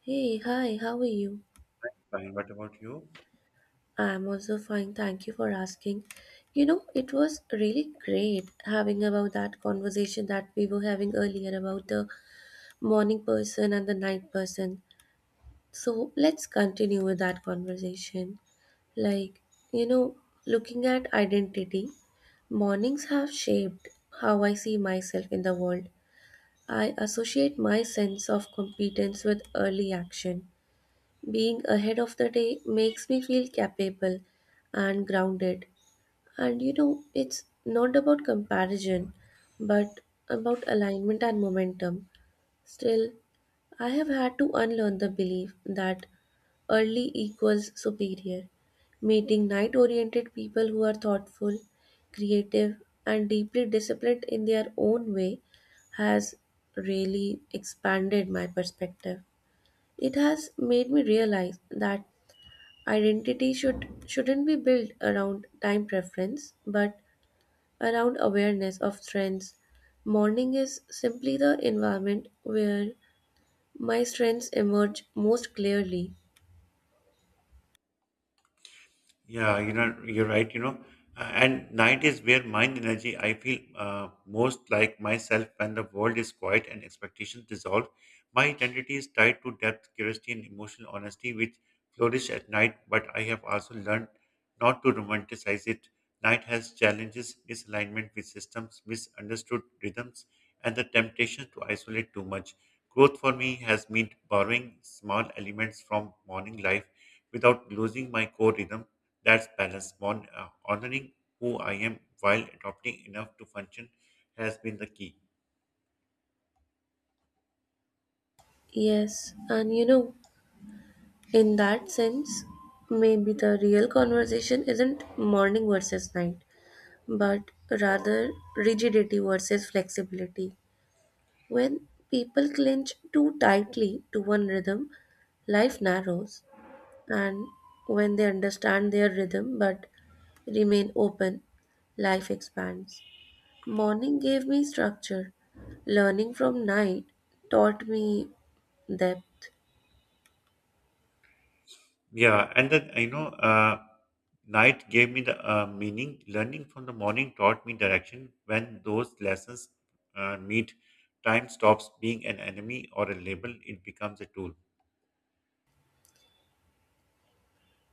Hey, hi, how are you? Fine. What about you? I'm also fine, thank you for asking. It was really great having about that conversation that we were having earlier about the morning person and the night person. So let's continue with that conversation. Like, you know, looking at identity, mornings have shaped how I see myself in the world. I associate my sense of competence with early action. Being ahead of the day makes me feel capable and grounded. And it's not about comparison, but about alignment and momentum. Still, I have had to unlearn the belief that early equals superior. Meeting night oriented people who are thoughtful, creative, and deeply disciplined in their own way has really expanded my perspective. It has made me realize that identity shouldn't be built around time preference, but around awareness of trends. Morning is simply the environment where my strengths emerge most clearly. Yeah, you know, you're right. And night is where mind energy. I feel most like myself when the world is quiet and expectations dissolve. My identity is tied to depth, curiosity, and emotional honesty, which flourish at night. But I have also learned not to romanticize it. Night has challenges, misalignment with systems, misunderstood rhythms, and the temptation to isolate too much. Growth for me has meant borrowing small elements from morning life without losing my core rhythm. That's balance. Honoring who I am while adopting enough to function has been the key. Yes, and in that sense, maybe the real conversation isn't morning versus night, but rather rigidity versus flexibility. When people clinch too tightly to one rhythm, life narrows. And when they understand their rhythm but remain open, life expands. Morning gave me structure. Learning from night taught me depth. Yeah, and then night gave me the meaning. Learning from the morning taught me direction. When those lessons meet, time stops being an enemy or a label; it becomes a tool.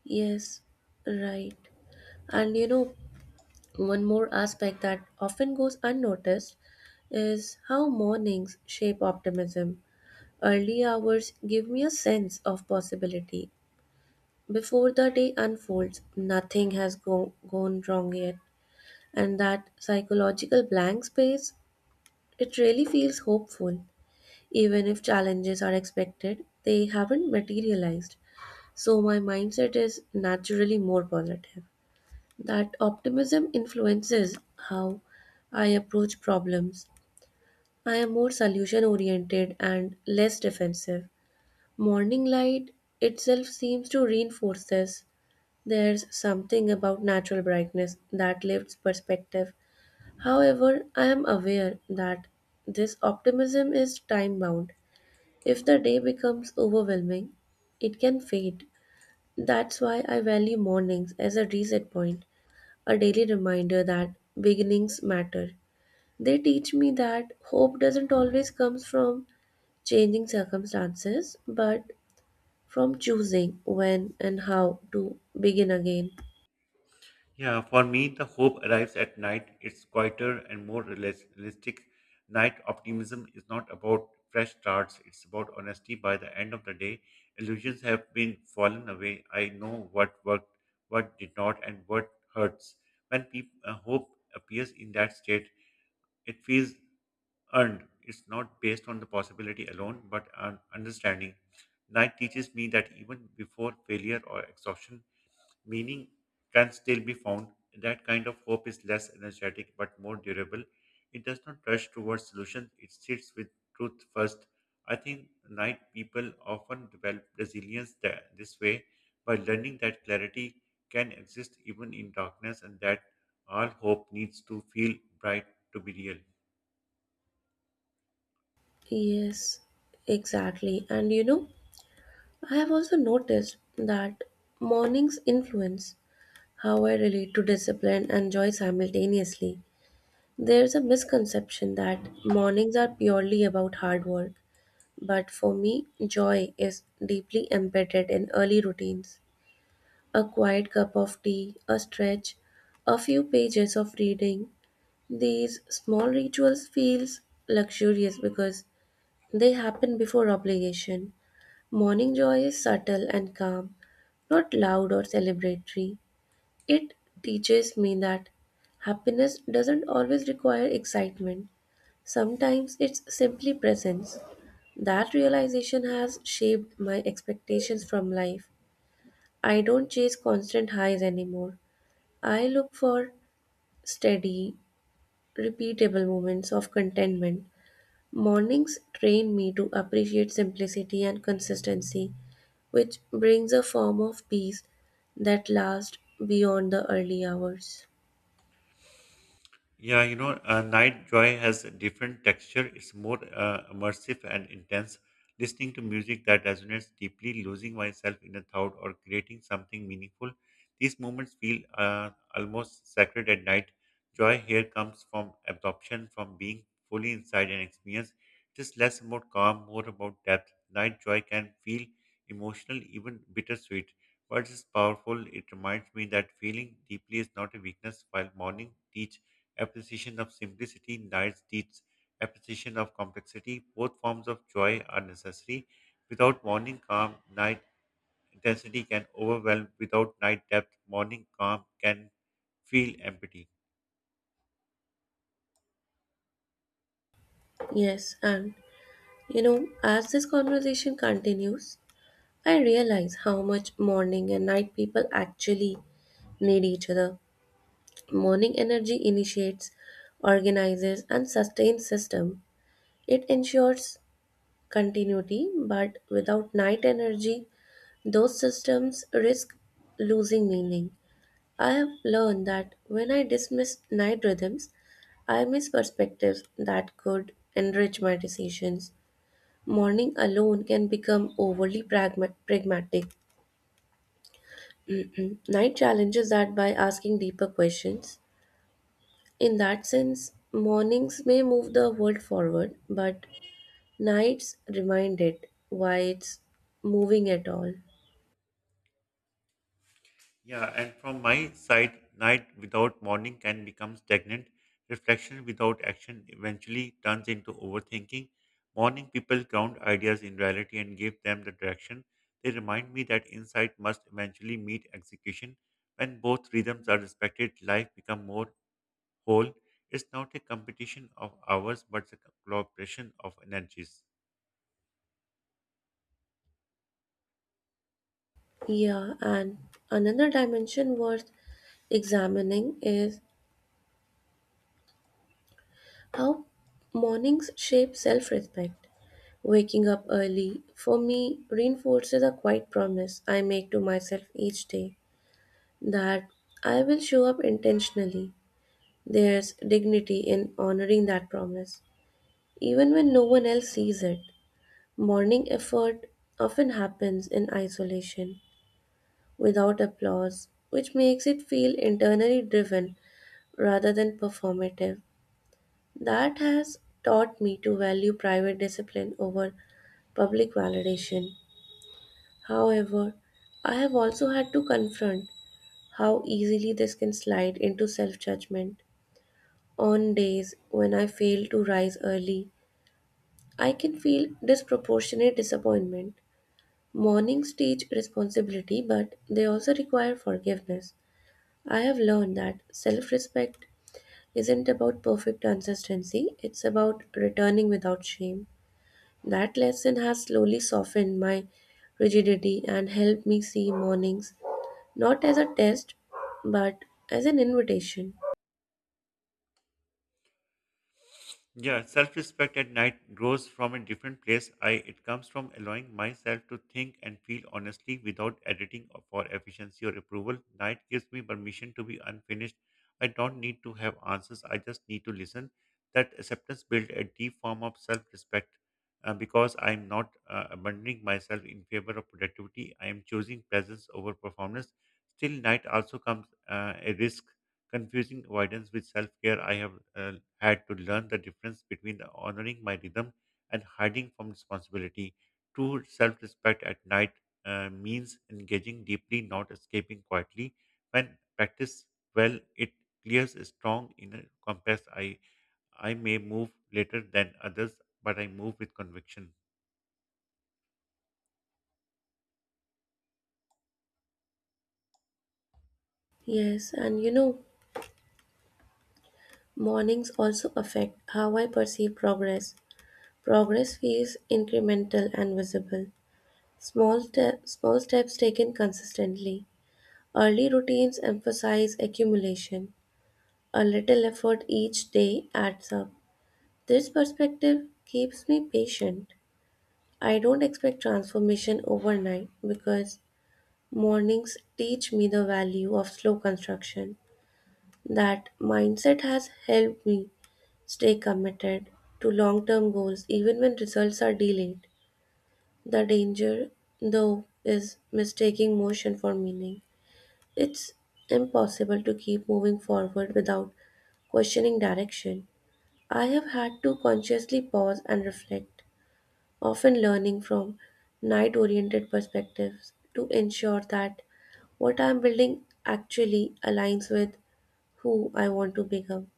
Yes, right. And one more aspect that often goes unnoticed is how mornings shape optimism. Early hours give me a sense of possibility. Before the day unfolds, nothing has gone wrong yet. And that psychological blank space, it really feels hopeful. Even if challenges are expected, they haven't materialized. So my mindset is naturally more positive. That optimism influences how I approach problems. I am more solution oriented and less defensive. Morning light itself seems to reinforce this. There's something about natural brightness that lifts perspective. However, I am aware that this optimism is time bound. If the day becomes overwhelming, it can fade. That's why I value mornings as a reset point, a daily reminder that beginnings matter. They teach me that hope doesn't always come from changing circumstances, but from choosing when and how to begin again. Yeah, for me, the hope arrives at night. It's quieter and more realistic. Night optimism is not about fresh starts, it's about honesty. By the end of the day, illusions have been fallen away. I know what worked, what did not, and what hurts. When peop hope appears in that state, it feels earned. It's not based on the possibility alone, but on understanding. Night teaches me that even before failure or exhaustion, meaning can still be found. That kind of hope is less energetic but more durable. It does not rush towards solutions, it sits with truth first. I think night people often develop resilience this way by learning that clarity can exist even in darkness and that all hope needs to feel bright to be real. Yes, exactly. And I have also noticed that mornings influence how I relate to discipline and joy simultaneously. There's a misconception that mornings are purely about hard work, but for me, joy is deeply embedded in early routines. A quiet cup of tea, a stretch, a few pages of reading. These small rituals feels luxurious because they happen before obligation. Morning joy is subtle and calm, not loud or celebratory. It teaches me that happiness doesn't always require excitement, sometimes it's simply presence. That realization has shaped my expectations from life. I don't chase constant highs anymore. I look for steady, repeatable moments of contentment. Mornings train me to appreciate simplicity and consistency, which brings a form of peace that lasts beyond the early hours. Night Joy has a different texture. It's more immersive and intense. Listening to music that resonates deeply, losing myself in a thought, or creating something meaningful. These moments feel almost sacred at night. Joy here comes from absorption, from being fully inside an experience. It is less about calm, more about depth. Night Joy can feel emotional, even bittersweet. But it's powerful. It reminds me that feeling deeply is not a weakness. While morning teaches appreciation of simplicity, nights teach appreciation of complexity. Both forms of joy are necessary. Without morning calm, night intensity can overwhelm. Without night depth, morning calm can feel empty. Yes, and as this conversation continues, I realize how much morning and night people actually need each other. Morning energy initiates, organizes, and sustains system. It ensures continuity, but without night energy, those systems risk losing meaning. I have learned that when I dismiss night rhythms, I miss perspectives that could enrich my decisions. Morning alone can become overly pragmatic. Mhm. Night challenges that by asking deeper questions. In that sense, mornings may move the world forward, but nights remind it why it's moving at all. Yeah, and from my side, night without morning can become stagnant. Reflection without action eventually turns into overthinking. Morning people ground ideas in reality and give them the direction. They remind me that insight must eventually meet execution. When both rhythms are respected, life becomes more whole. It's not a competition of hours, but a cooperation of energies. Yeah, and another dimension worth examining is how mornings shape self respect. Waking up early, for me, reinforces a quiet promise I make to myself each day that I will show up intentionally. There's dignity in honoring that promise, even when no one else sees it. Morning effort often happens in isolation, without applause, which makes it feel internally driven rather than performative. That has taught me to value private discipline over public validation. However, I have also had to confront how easily this can slide into self judgment. On days when I fail to rise early, I can feel disproportionate disappointment. Mornings teach responsibility, but they also require forgiveness. I have learned that self respect isn't about perfect consistency, it's about returning without shame. That lesson has slowly softened my rigidity and helped me see mornings not as a test but as an invitation. Yeah, self respect at night grows from a different place. I it comes from allowing myself to think and feel honestly without editing or for efficiency or approval. Night gives me permission to be unfinished. I don't need to have answers. I just need to listen. That acceptance builds a deep form of self respect because I am not abandoning myself in favor of productivity. I am choosing presence over performance. Still, night also comes a risk confusing avoidance with self care. I have had to learn the difference between honoring my rhythm and hiding from responsibility. True self respect at night means engaging deeply, not escaping quietly. When practiced well, it clears a strong inner compass. I may move later than others, but I move with conviction. Yes, and mornings also affect how I perceive progress. Progress feels incremental and visible. Small steps taken consistently. Early routines emphasize accumulation. A little effort each day adds up. This perspective keeps me patient. I don't expect transformation overnight because mornings teach me the value of slow construction. That mindset has helped me stay committed to long term goals even when results are delayed. The danger, though, is mistaking motion for meaning. It's impossible to keep moving forward without questioning direction. I have had to consciously pause and reflect, often learning from night oriented perspectives to ensure that what I'm building actually aligns with who I want to become.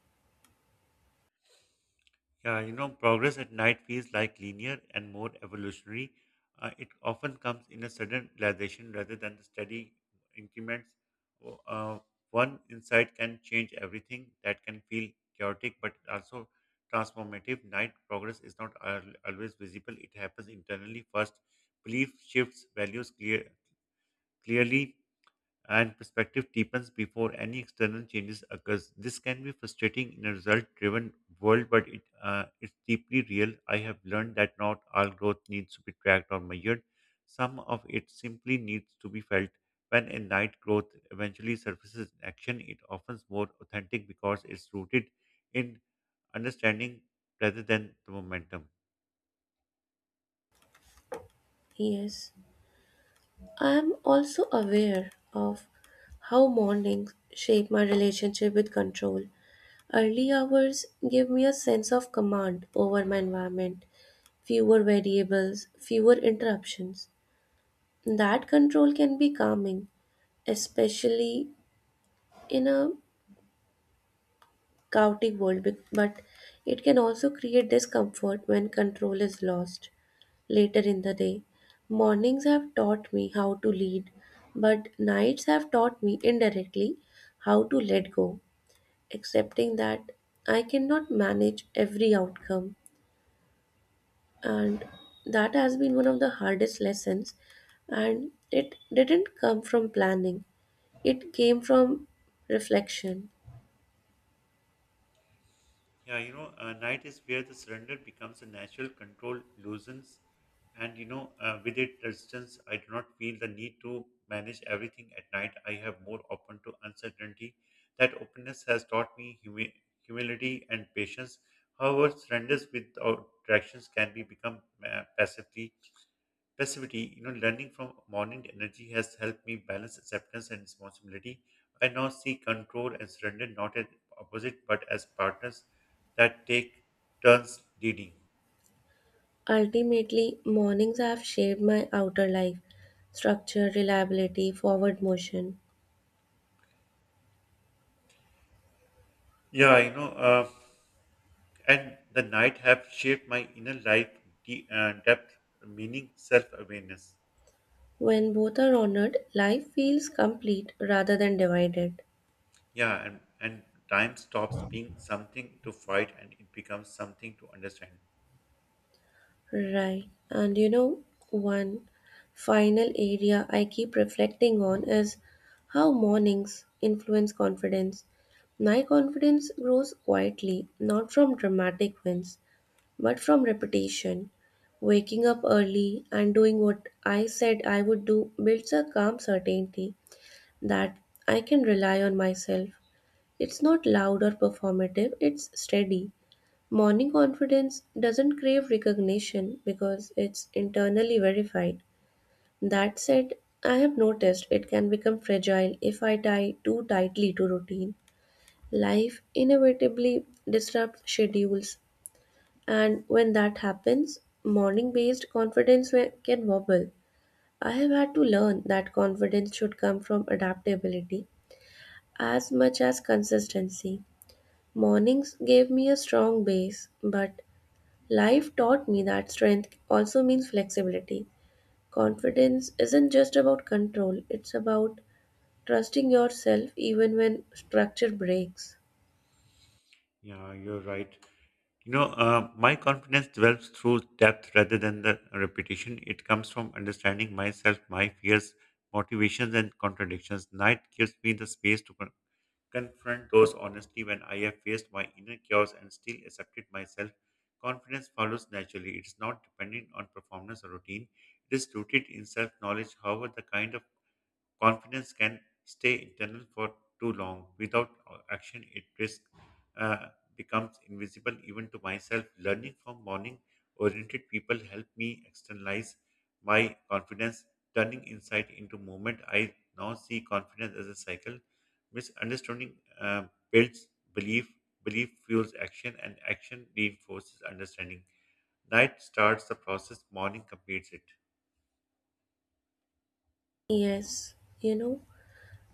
Yeah, you know, progress at night feels like linear and more evolutionary. It often comes in a sudden realization rather than the steady increments. O- Uh, One insight can change everything that can feel chaotic but also transformative. Night progress is not always visible, it happens internally first. Belief shifts, values clear, clearly and perspective deepens before any external changes occurs. This can be frustrating in a result-driven world, but it's deeply real. I have learned that not all growth needs to be tracked or measured. Some of it simply needs to be felt. When a night growth eventually surfaces in action, it often more authentic because it's rooted in understanding rather than the momentum. Yes, I'm also aware of how mornings shape my relationship with control. Early hours give me a sense of command over my environment, fewer variables, fewer interruptions. That control can be calming, especially in a chaotic world, but it can also create discomfort when control is lost later in the day. Mornings have taught me how to lead, but nights have taught me indirectly how to let go, accepting that I cannot manage every outcome. And that has been one of the hardest lessons, and it didn't come from planning, it came from reflection. Night is where the surrender becomes a natural control loosens, and with it, resistance. I do not feel the need to manage everything at night. I have more open to uncertainty. That openness has taught me humility and patience. However, surrenders without directions can be become passively. Passivity, you know, learning from morning energy has helped me balance acceptance and responsibility. I now see control and surrender not as opposite but as partners that take turns leading. Ultimately, mornings have shaped my outer life: structure, reliability, forward motion. Yeah, you know, uh, and the night have shaped my inner life, depth, meaning, self awareness. When both are honored, life feels complete rather than divided. Yeah, and time stops being something to fight and it becomes something to understand. Right. And one final area I keep reflecting on is how mornings influence confidence. My confidence grows quietly, not from dramatic wins but from repetition. Waking up early and doing what I said I would do builds a calm certainty that I can rely on myself. It's not loud or performative, it's steady. Morning confidence doesn't crave recognition because it's internally verified. That said, I have noticed it can become fragile if I tie too tightly to routine. Life inevitably disrupts schedules, and when that happens, morning based confidence can wobble. I have had to learn that confidence should come from adaptability as much as consistency. Mornings gave me a strong base, but life taught me that strength also means flexibility. Confidence isn't just about control, it's about trusting yourself even when structure breaks. Yeah, you're right. My confidence develops through depth rather than the repetition. It comes from understanding myself, my fears, motivations, and contradictions. Night gives me the space to confront those honestly when I have faced my inner chaos and still accepted myself. Confidence follows naturally. It is not dependent on performance or routine. It is rooted in self knowledge. However, the kind of confidence can stay internal for too long. Without action, it risk uh, becomes invisible even to myself. Learning from morning oriented people help me externalize my confidence, turning insight into movement. I now see confidence as a cycle. Misunderstanding builds belief, belief fuels action, and action reinforces understanding. Night starts the process, morning completes it. Yes, you know,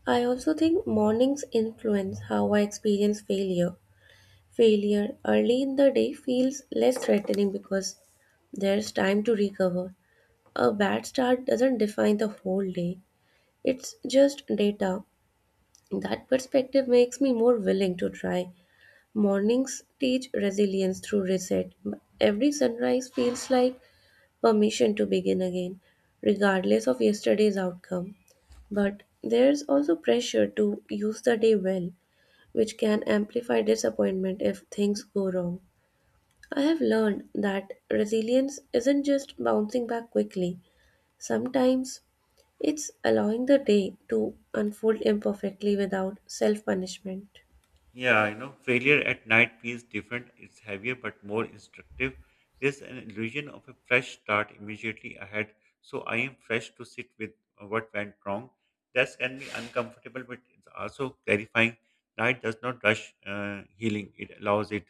I also think mornings influence how I experience failure. Failure early in the day feels less threatening because there's time to recover. A bad start doesn't define the whole day, it's just data. That perspective makes me more willing to try. Mornings teach resilience through reset. Every sunrise feels like permission to begin again, regardless of yesterday's outcome. But there's also pressure to use the day well, which can amplify disappointment if things go wrong. I have learned that resilience isn't just bouncing back quickly. Sometimes it's allowing the day to unfold imperfectly without self punishment. Yeah, you know, failure at night feels different. It's heavier but more instructive. There's an illusion of a fresh start immediately ahead. So I am fresh to sit with what went wrong. That can be uncomfortable, but it's also clarifying. Night does not rush healing. It allows it.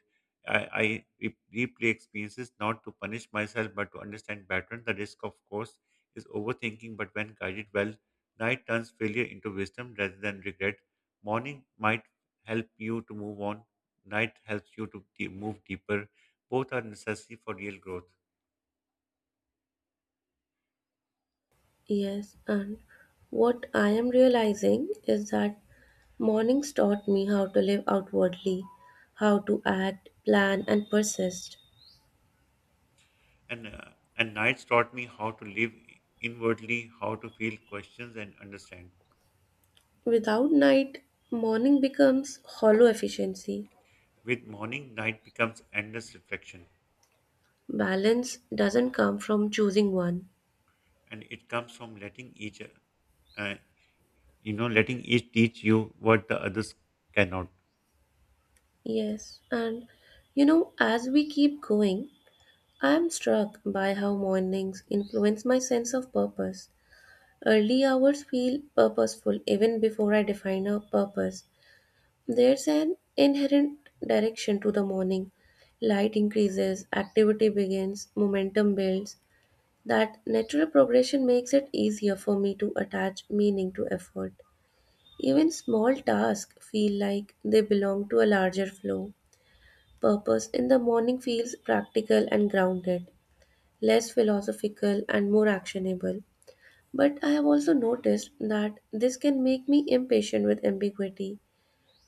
I replay experiences not to punish myself, but to understand pattern. The risk, of course, is overthinking, but when guided well, night turns failure into wisdom rather than regret. Morning might help you to move on. Night helps you to move deeper. Both are necessary for real growth. Yes, and what I am realizing is that mornings taught me how to live outwardly, how to act, plan, and persist. And uh, and nights taught me how to live inwardly, how to feel questions and understand. Without night, morning becomes hollow efficiency. With morning, night becomes endless reflection, Balance doesn't come from choosing one. and it comes from letting uh, letting each teach you what the others cannot. Yes, and as we keep going, I am struck by how mornings influence my sense of purpose. Early hours feel purposeful even before I define a purpose. There's an inherent direction to the morning. Light increases, activity begins, momentum builds. That natural progression makes it easier for me to attach meaning to effort. Even small tasks feel like they belong to a larger flow. Purpose in the morning feels practical and grounded, less philosophical and more actionable. But I have also noticed that this can make me impatient with ambiguity.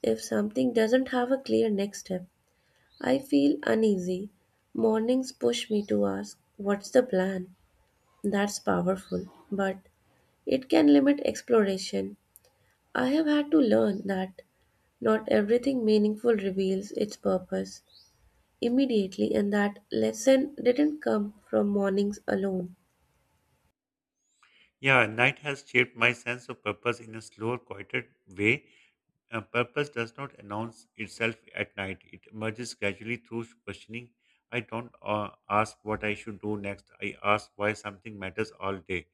If something doesn't have a clear next step, I feel uneasy. Mornings push me to ask, what's the plan? That's powerful, but it can limit exploration. I have had to learn that not everything meaningful reveals its purpose immediately, and that lesson didn't come from mornings alone. Yeah, night has shaped my sense of purpose in a slower, quieter way. A purpose does not announce itself at night. It emerges gradually through questioning. I don't ask what I should do next. I ask why something matters all day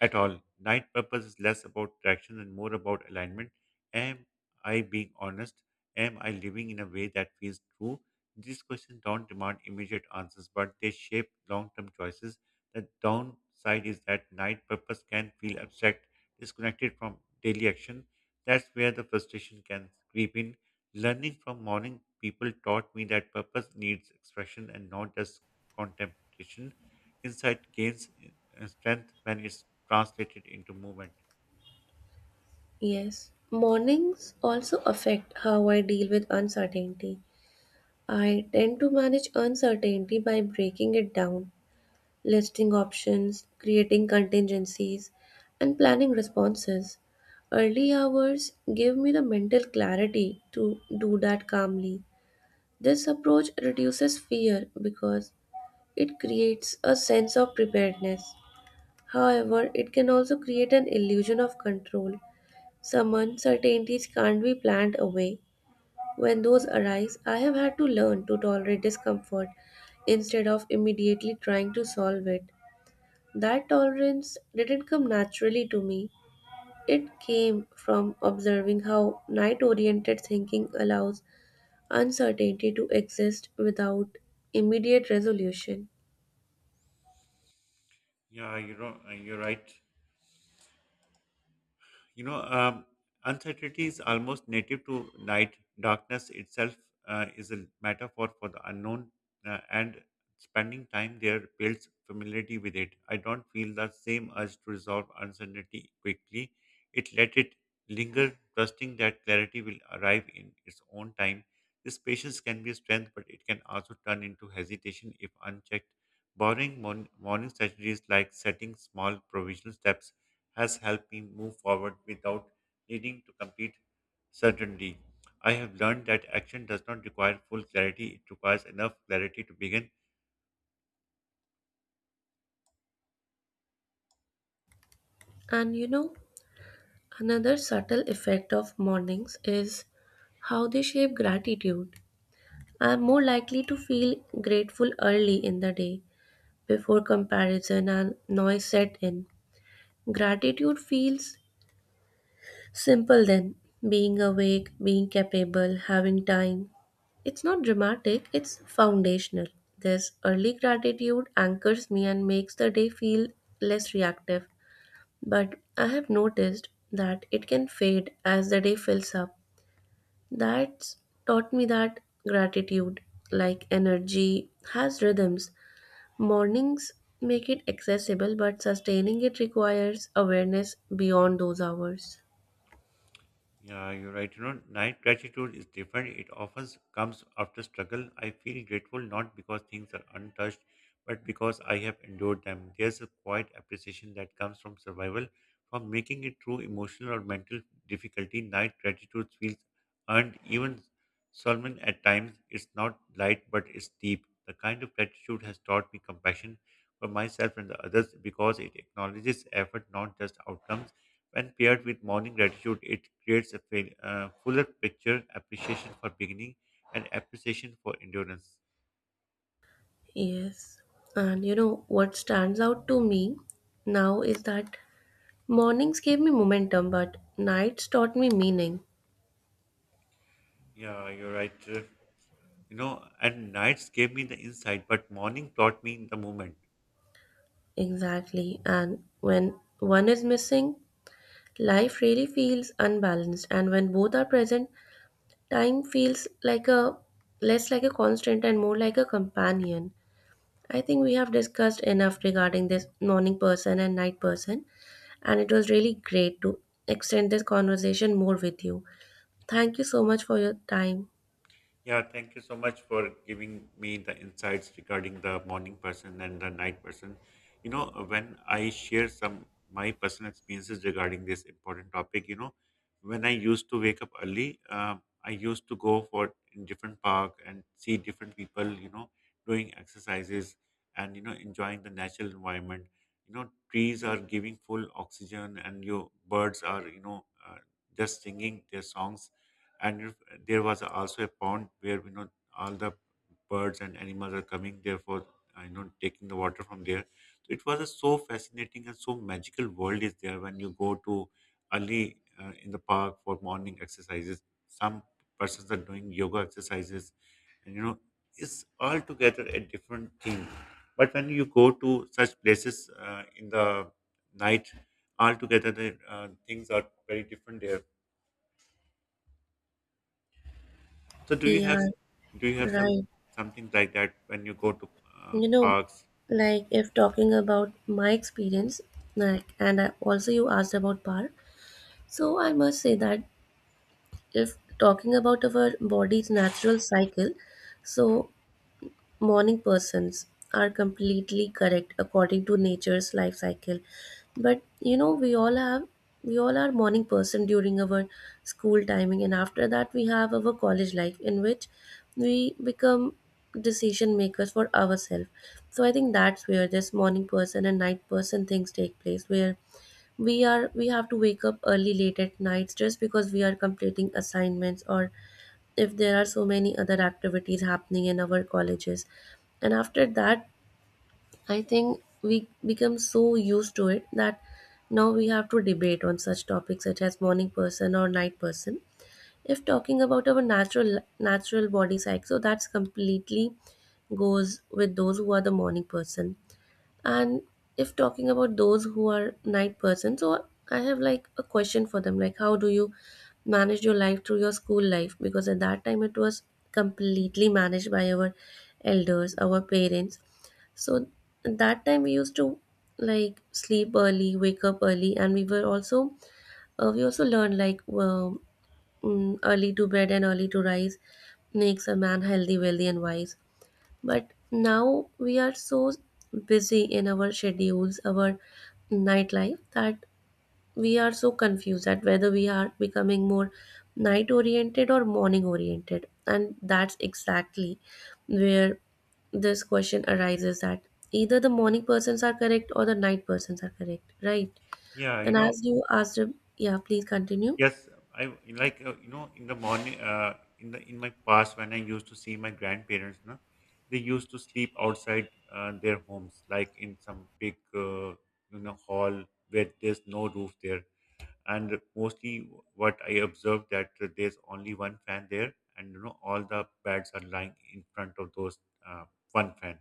at all. Night purpose is less about traction and more about alignment. Am I being honest? Am I living in a way that feels true? These questions don't demand immediate answers, but they shape long term choices. The downside is that night purpose can feel abstract, disconnected from daily action. That's where the frustration can creep in. Learning from morning people taught me that purpose needs expression and not just contemplation. Insight gains strength when it's translated into movement. Yes, mornings also affect how I deal with uncertainty. I tend to manage uncertainty by breaking it down, listing options, creating contingencies, and planning responses. Early hours give me the mental clarity to do that calmly. This approach reduces fear because it creates a sense of preparedness. However, it can also create an illusion of control. Some uncertainties can't be planned away. When those arise, I have had to learn to tolerate discomfort instead of immediately trying to solve it. That tolerance didn't come naturally to me. It came from observing how night oriented thinking allows uncertainty to exist without immediate resolution. You're right. You know, uncertainty is almost native to night. Darkness itself is a metaphor for the unknown, and spending time there builds familiarity with it. I don't feel the same urge to resolve uncertainty quickly. It let it linger, trusting that clarity will arrive in its own time. This patience can be a strength, but it can also turn into hesitation if unchecked. Borrowing morning strategies like setting small provisional steps has helped me move forward without needing to complete certainty. I have learned that action does not require full clarity, it requires enough clarity to begin. And another subtle effect of mornings is how they shape gratitude. I am more likely to feel grateful early in the day before comparison and noise set in. Gratitude feels simple then: being awake, being capable, having time. It's not dramatic, it's foundational. This early gratitude anchors me and makes the day feel less reactive. But I have noticed that it can fade as the day fills up. That's taught me that gratitude, like energy, has rhythms. Mornings make it accessible, but sustaining it requires awareness beyond those hours. Yeah, you're right. You know, night gratitude is different. It often comes after struggle. I feel grateful not because things are untouched, but because I have endured them. There's a quiet appreciation that comes from survival, from making it through emotional or mental difficulty. Night gratitude feels earned, even solemn at times. It's not light, but it's deep. The kind of gratitude has taught me compassion for myself and the others because it acknowledges effort, not just outcomes. When paired with morning gratitude, it creates a fuller picture, appreciation for beginning, and appreciation for endurance. Yes. And what stands out to me now is that mornings gave me momentum, but nights taught me meaning. Yeah, you're right. You know, and nights gave me the insight, but morning taught me the moment. Exactly. And when one is missing, life really feels unbalanced. And when both are present, time feels like a less like a constant and more like a companion. I think we have discussed enough regarding this morning person and night person, and it was really great to extend this conversation more with you. Thank you so much for your time. Yeah, thank you so much for giving me the insights regarding the morning person and the night person. You know, when I share some my personal experiences regarding this important topic, you know, when I used to wake up early, I used to go for in different park and see different people, you know, doing exercises and you know enjoying the natural environment. You know, trees are giving full oxygen, and your birds are just singing their songs, and if there was also a pond where you know all the birds and animals are coming therefore, for you know taking the water from there, so it was a so fascinating and so magical world is there when you go to early in the park for morning exercises. Some persons are doing yoga exercises and you know it's altogether a different thing, but when you go to such places in the night, altogether the things are very different there. So do you have, Yeah, do you have some right. something like that when you go to You know, parks? like if talking about my experience, like, and I, also you asked about power, so I must say that if talking about our body's natural cycle, so morning persons are completely correct according to nature's life cycle. But we all have, we all are morning person during our school timing, and after that we have our college life in which we become decision makers for ourselves. So I think that's where this morning person and night person things take place, where we have to wake up early late at nights just because we are completing assignments, or if there are so many other activities happening in our colleges. And after that, I think we become so used to it that now we have to debate on such topics such as morning person or night person. If talking about our natural body cycle, so that's completely goes with those who are the morning person. And if talking about those who are night persons, so I have like a question for them, like, how do you manage your life through your school life? Because at that time it was completely managed by our elders, our parents. So at that time we used to like sleep early, wake up early, and we were also we also learned like, early to bed and early to rise makes a man healthy, wealthy, and wise. But now we are so busy in our schedules, our nightlife, that we are so confused at whether we are becoming more night oriented or morning oriented. And that's exactly where this question arises that either the morning persons are correct or the night persons are correct, right? Yeah, you And know, as you asked, yeah, please continue. yes, I like you know in the morning in the in my past when I used to see my grandparents, na, they used to sleep outside their homes, like in some big you know hall where there's no roof there, and mostly what I observed that there's only one fan there, and you know all the beds are lying in front of those uh, one fan.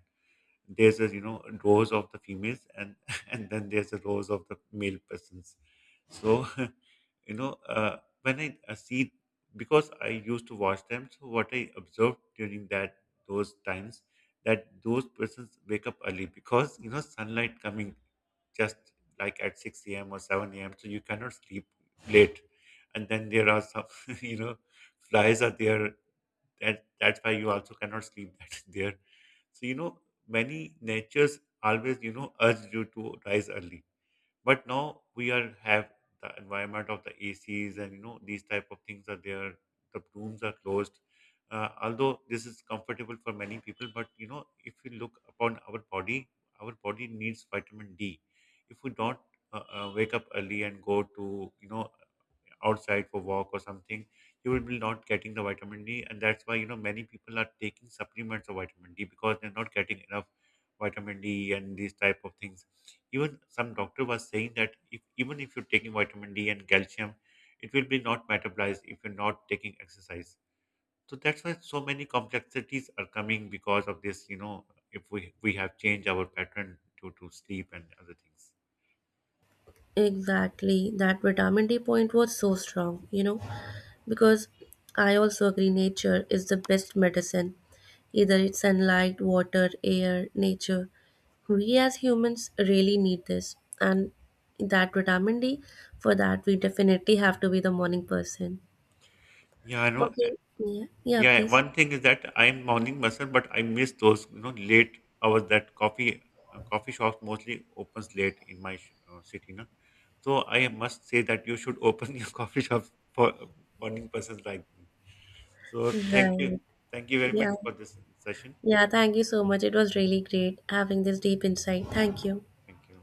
There's a you know rows of the females and and then there's a rows of the male persons so you know when i see because I used to watch them. So what I observed during that those times that those persons wake up early because you know sunlight coming just like at 6 a.m or 7 a.m, so you cannot sleep late. And then there are some you know flies are there that's why you also cannot sleep that is there. So you know many natures always you know urge you to rise early, but now we are have the environment of the acs and you know these type of things are there, the rooms are closed. Although this is comfortable for many people, but you know if we look upon our body, our body needs vitamin d. If we don't wake up early and go to you know outside for walk or something, you will be not getting the vitamin D, and that's why you know many people are taking supplements of vitamin D because they're not getting enough vitamin D and these type of things. Even some doctor was saying that if even if you're taking vitamin D and calcium, it will be not metabolized if you're not taking exercise. So that's why so many complexities are coming because of this. You know, if we have changed our pattern due to sleep and other things. Exactly. That vitamin D point was so strong. Because I also agree nature is the best medicine. Either it's sunlight, water, air, nature. We as humans really need this. And that vitamin D, for that we definitely have to be the morning person. Yeah, I know. Okay. Yeah. Yeah, Yeah, please. one thing is that I'm morning person, but I miss those you know late hours that coffee shops mostly opens late in my city, no? So I must say that you should open your coffee shop for morning persons like me. So Right. thank you very much Yeah. for this session. Yeah, thank you so much. It was really great having this deep insight. Thank you. Thank you.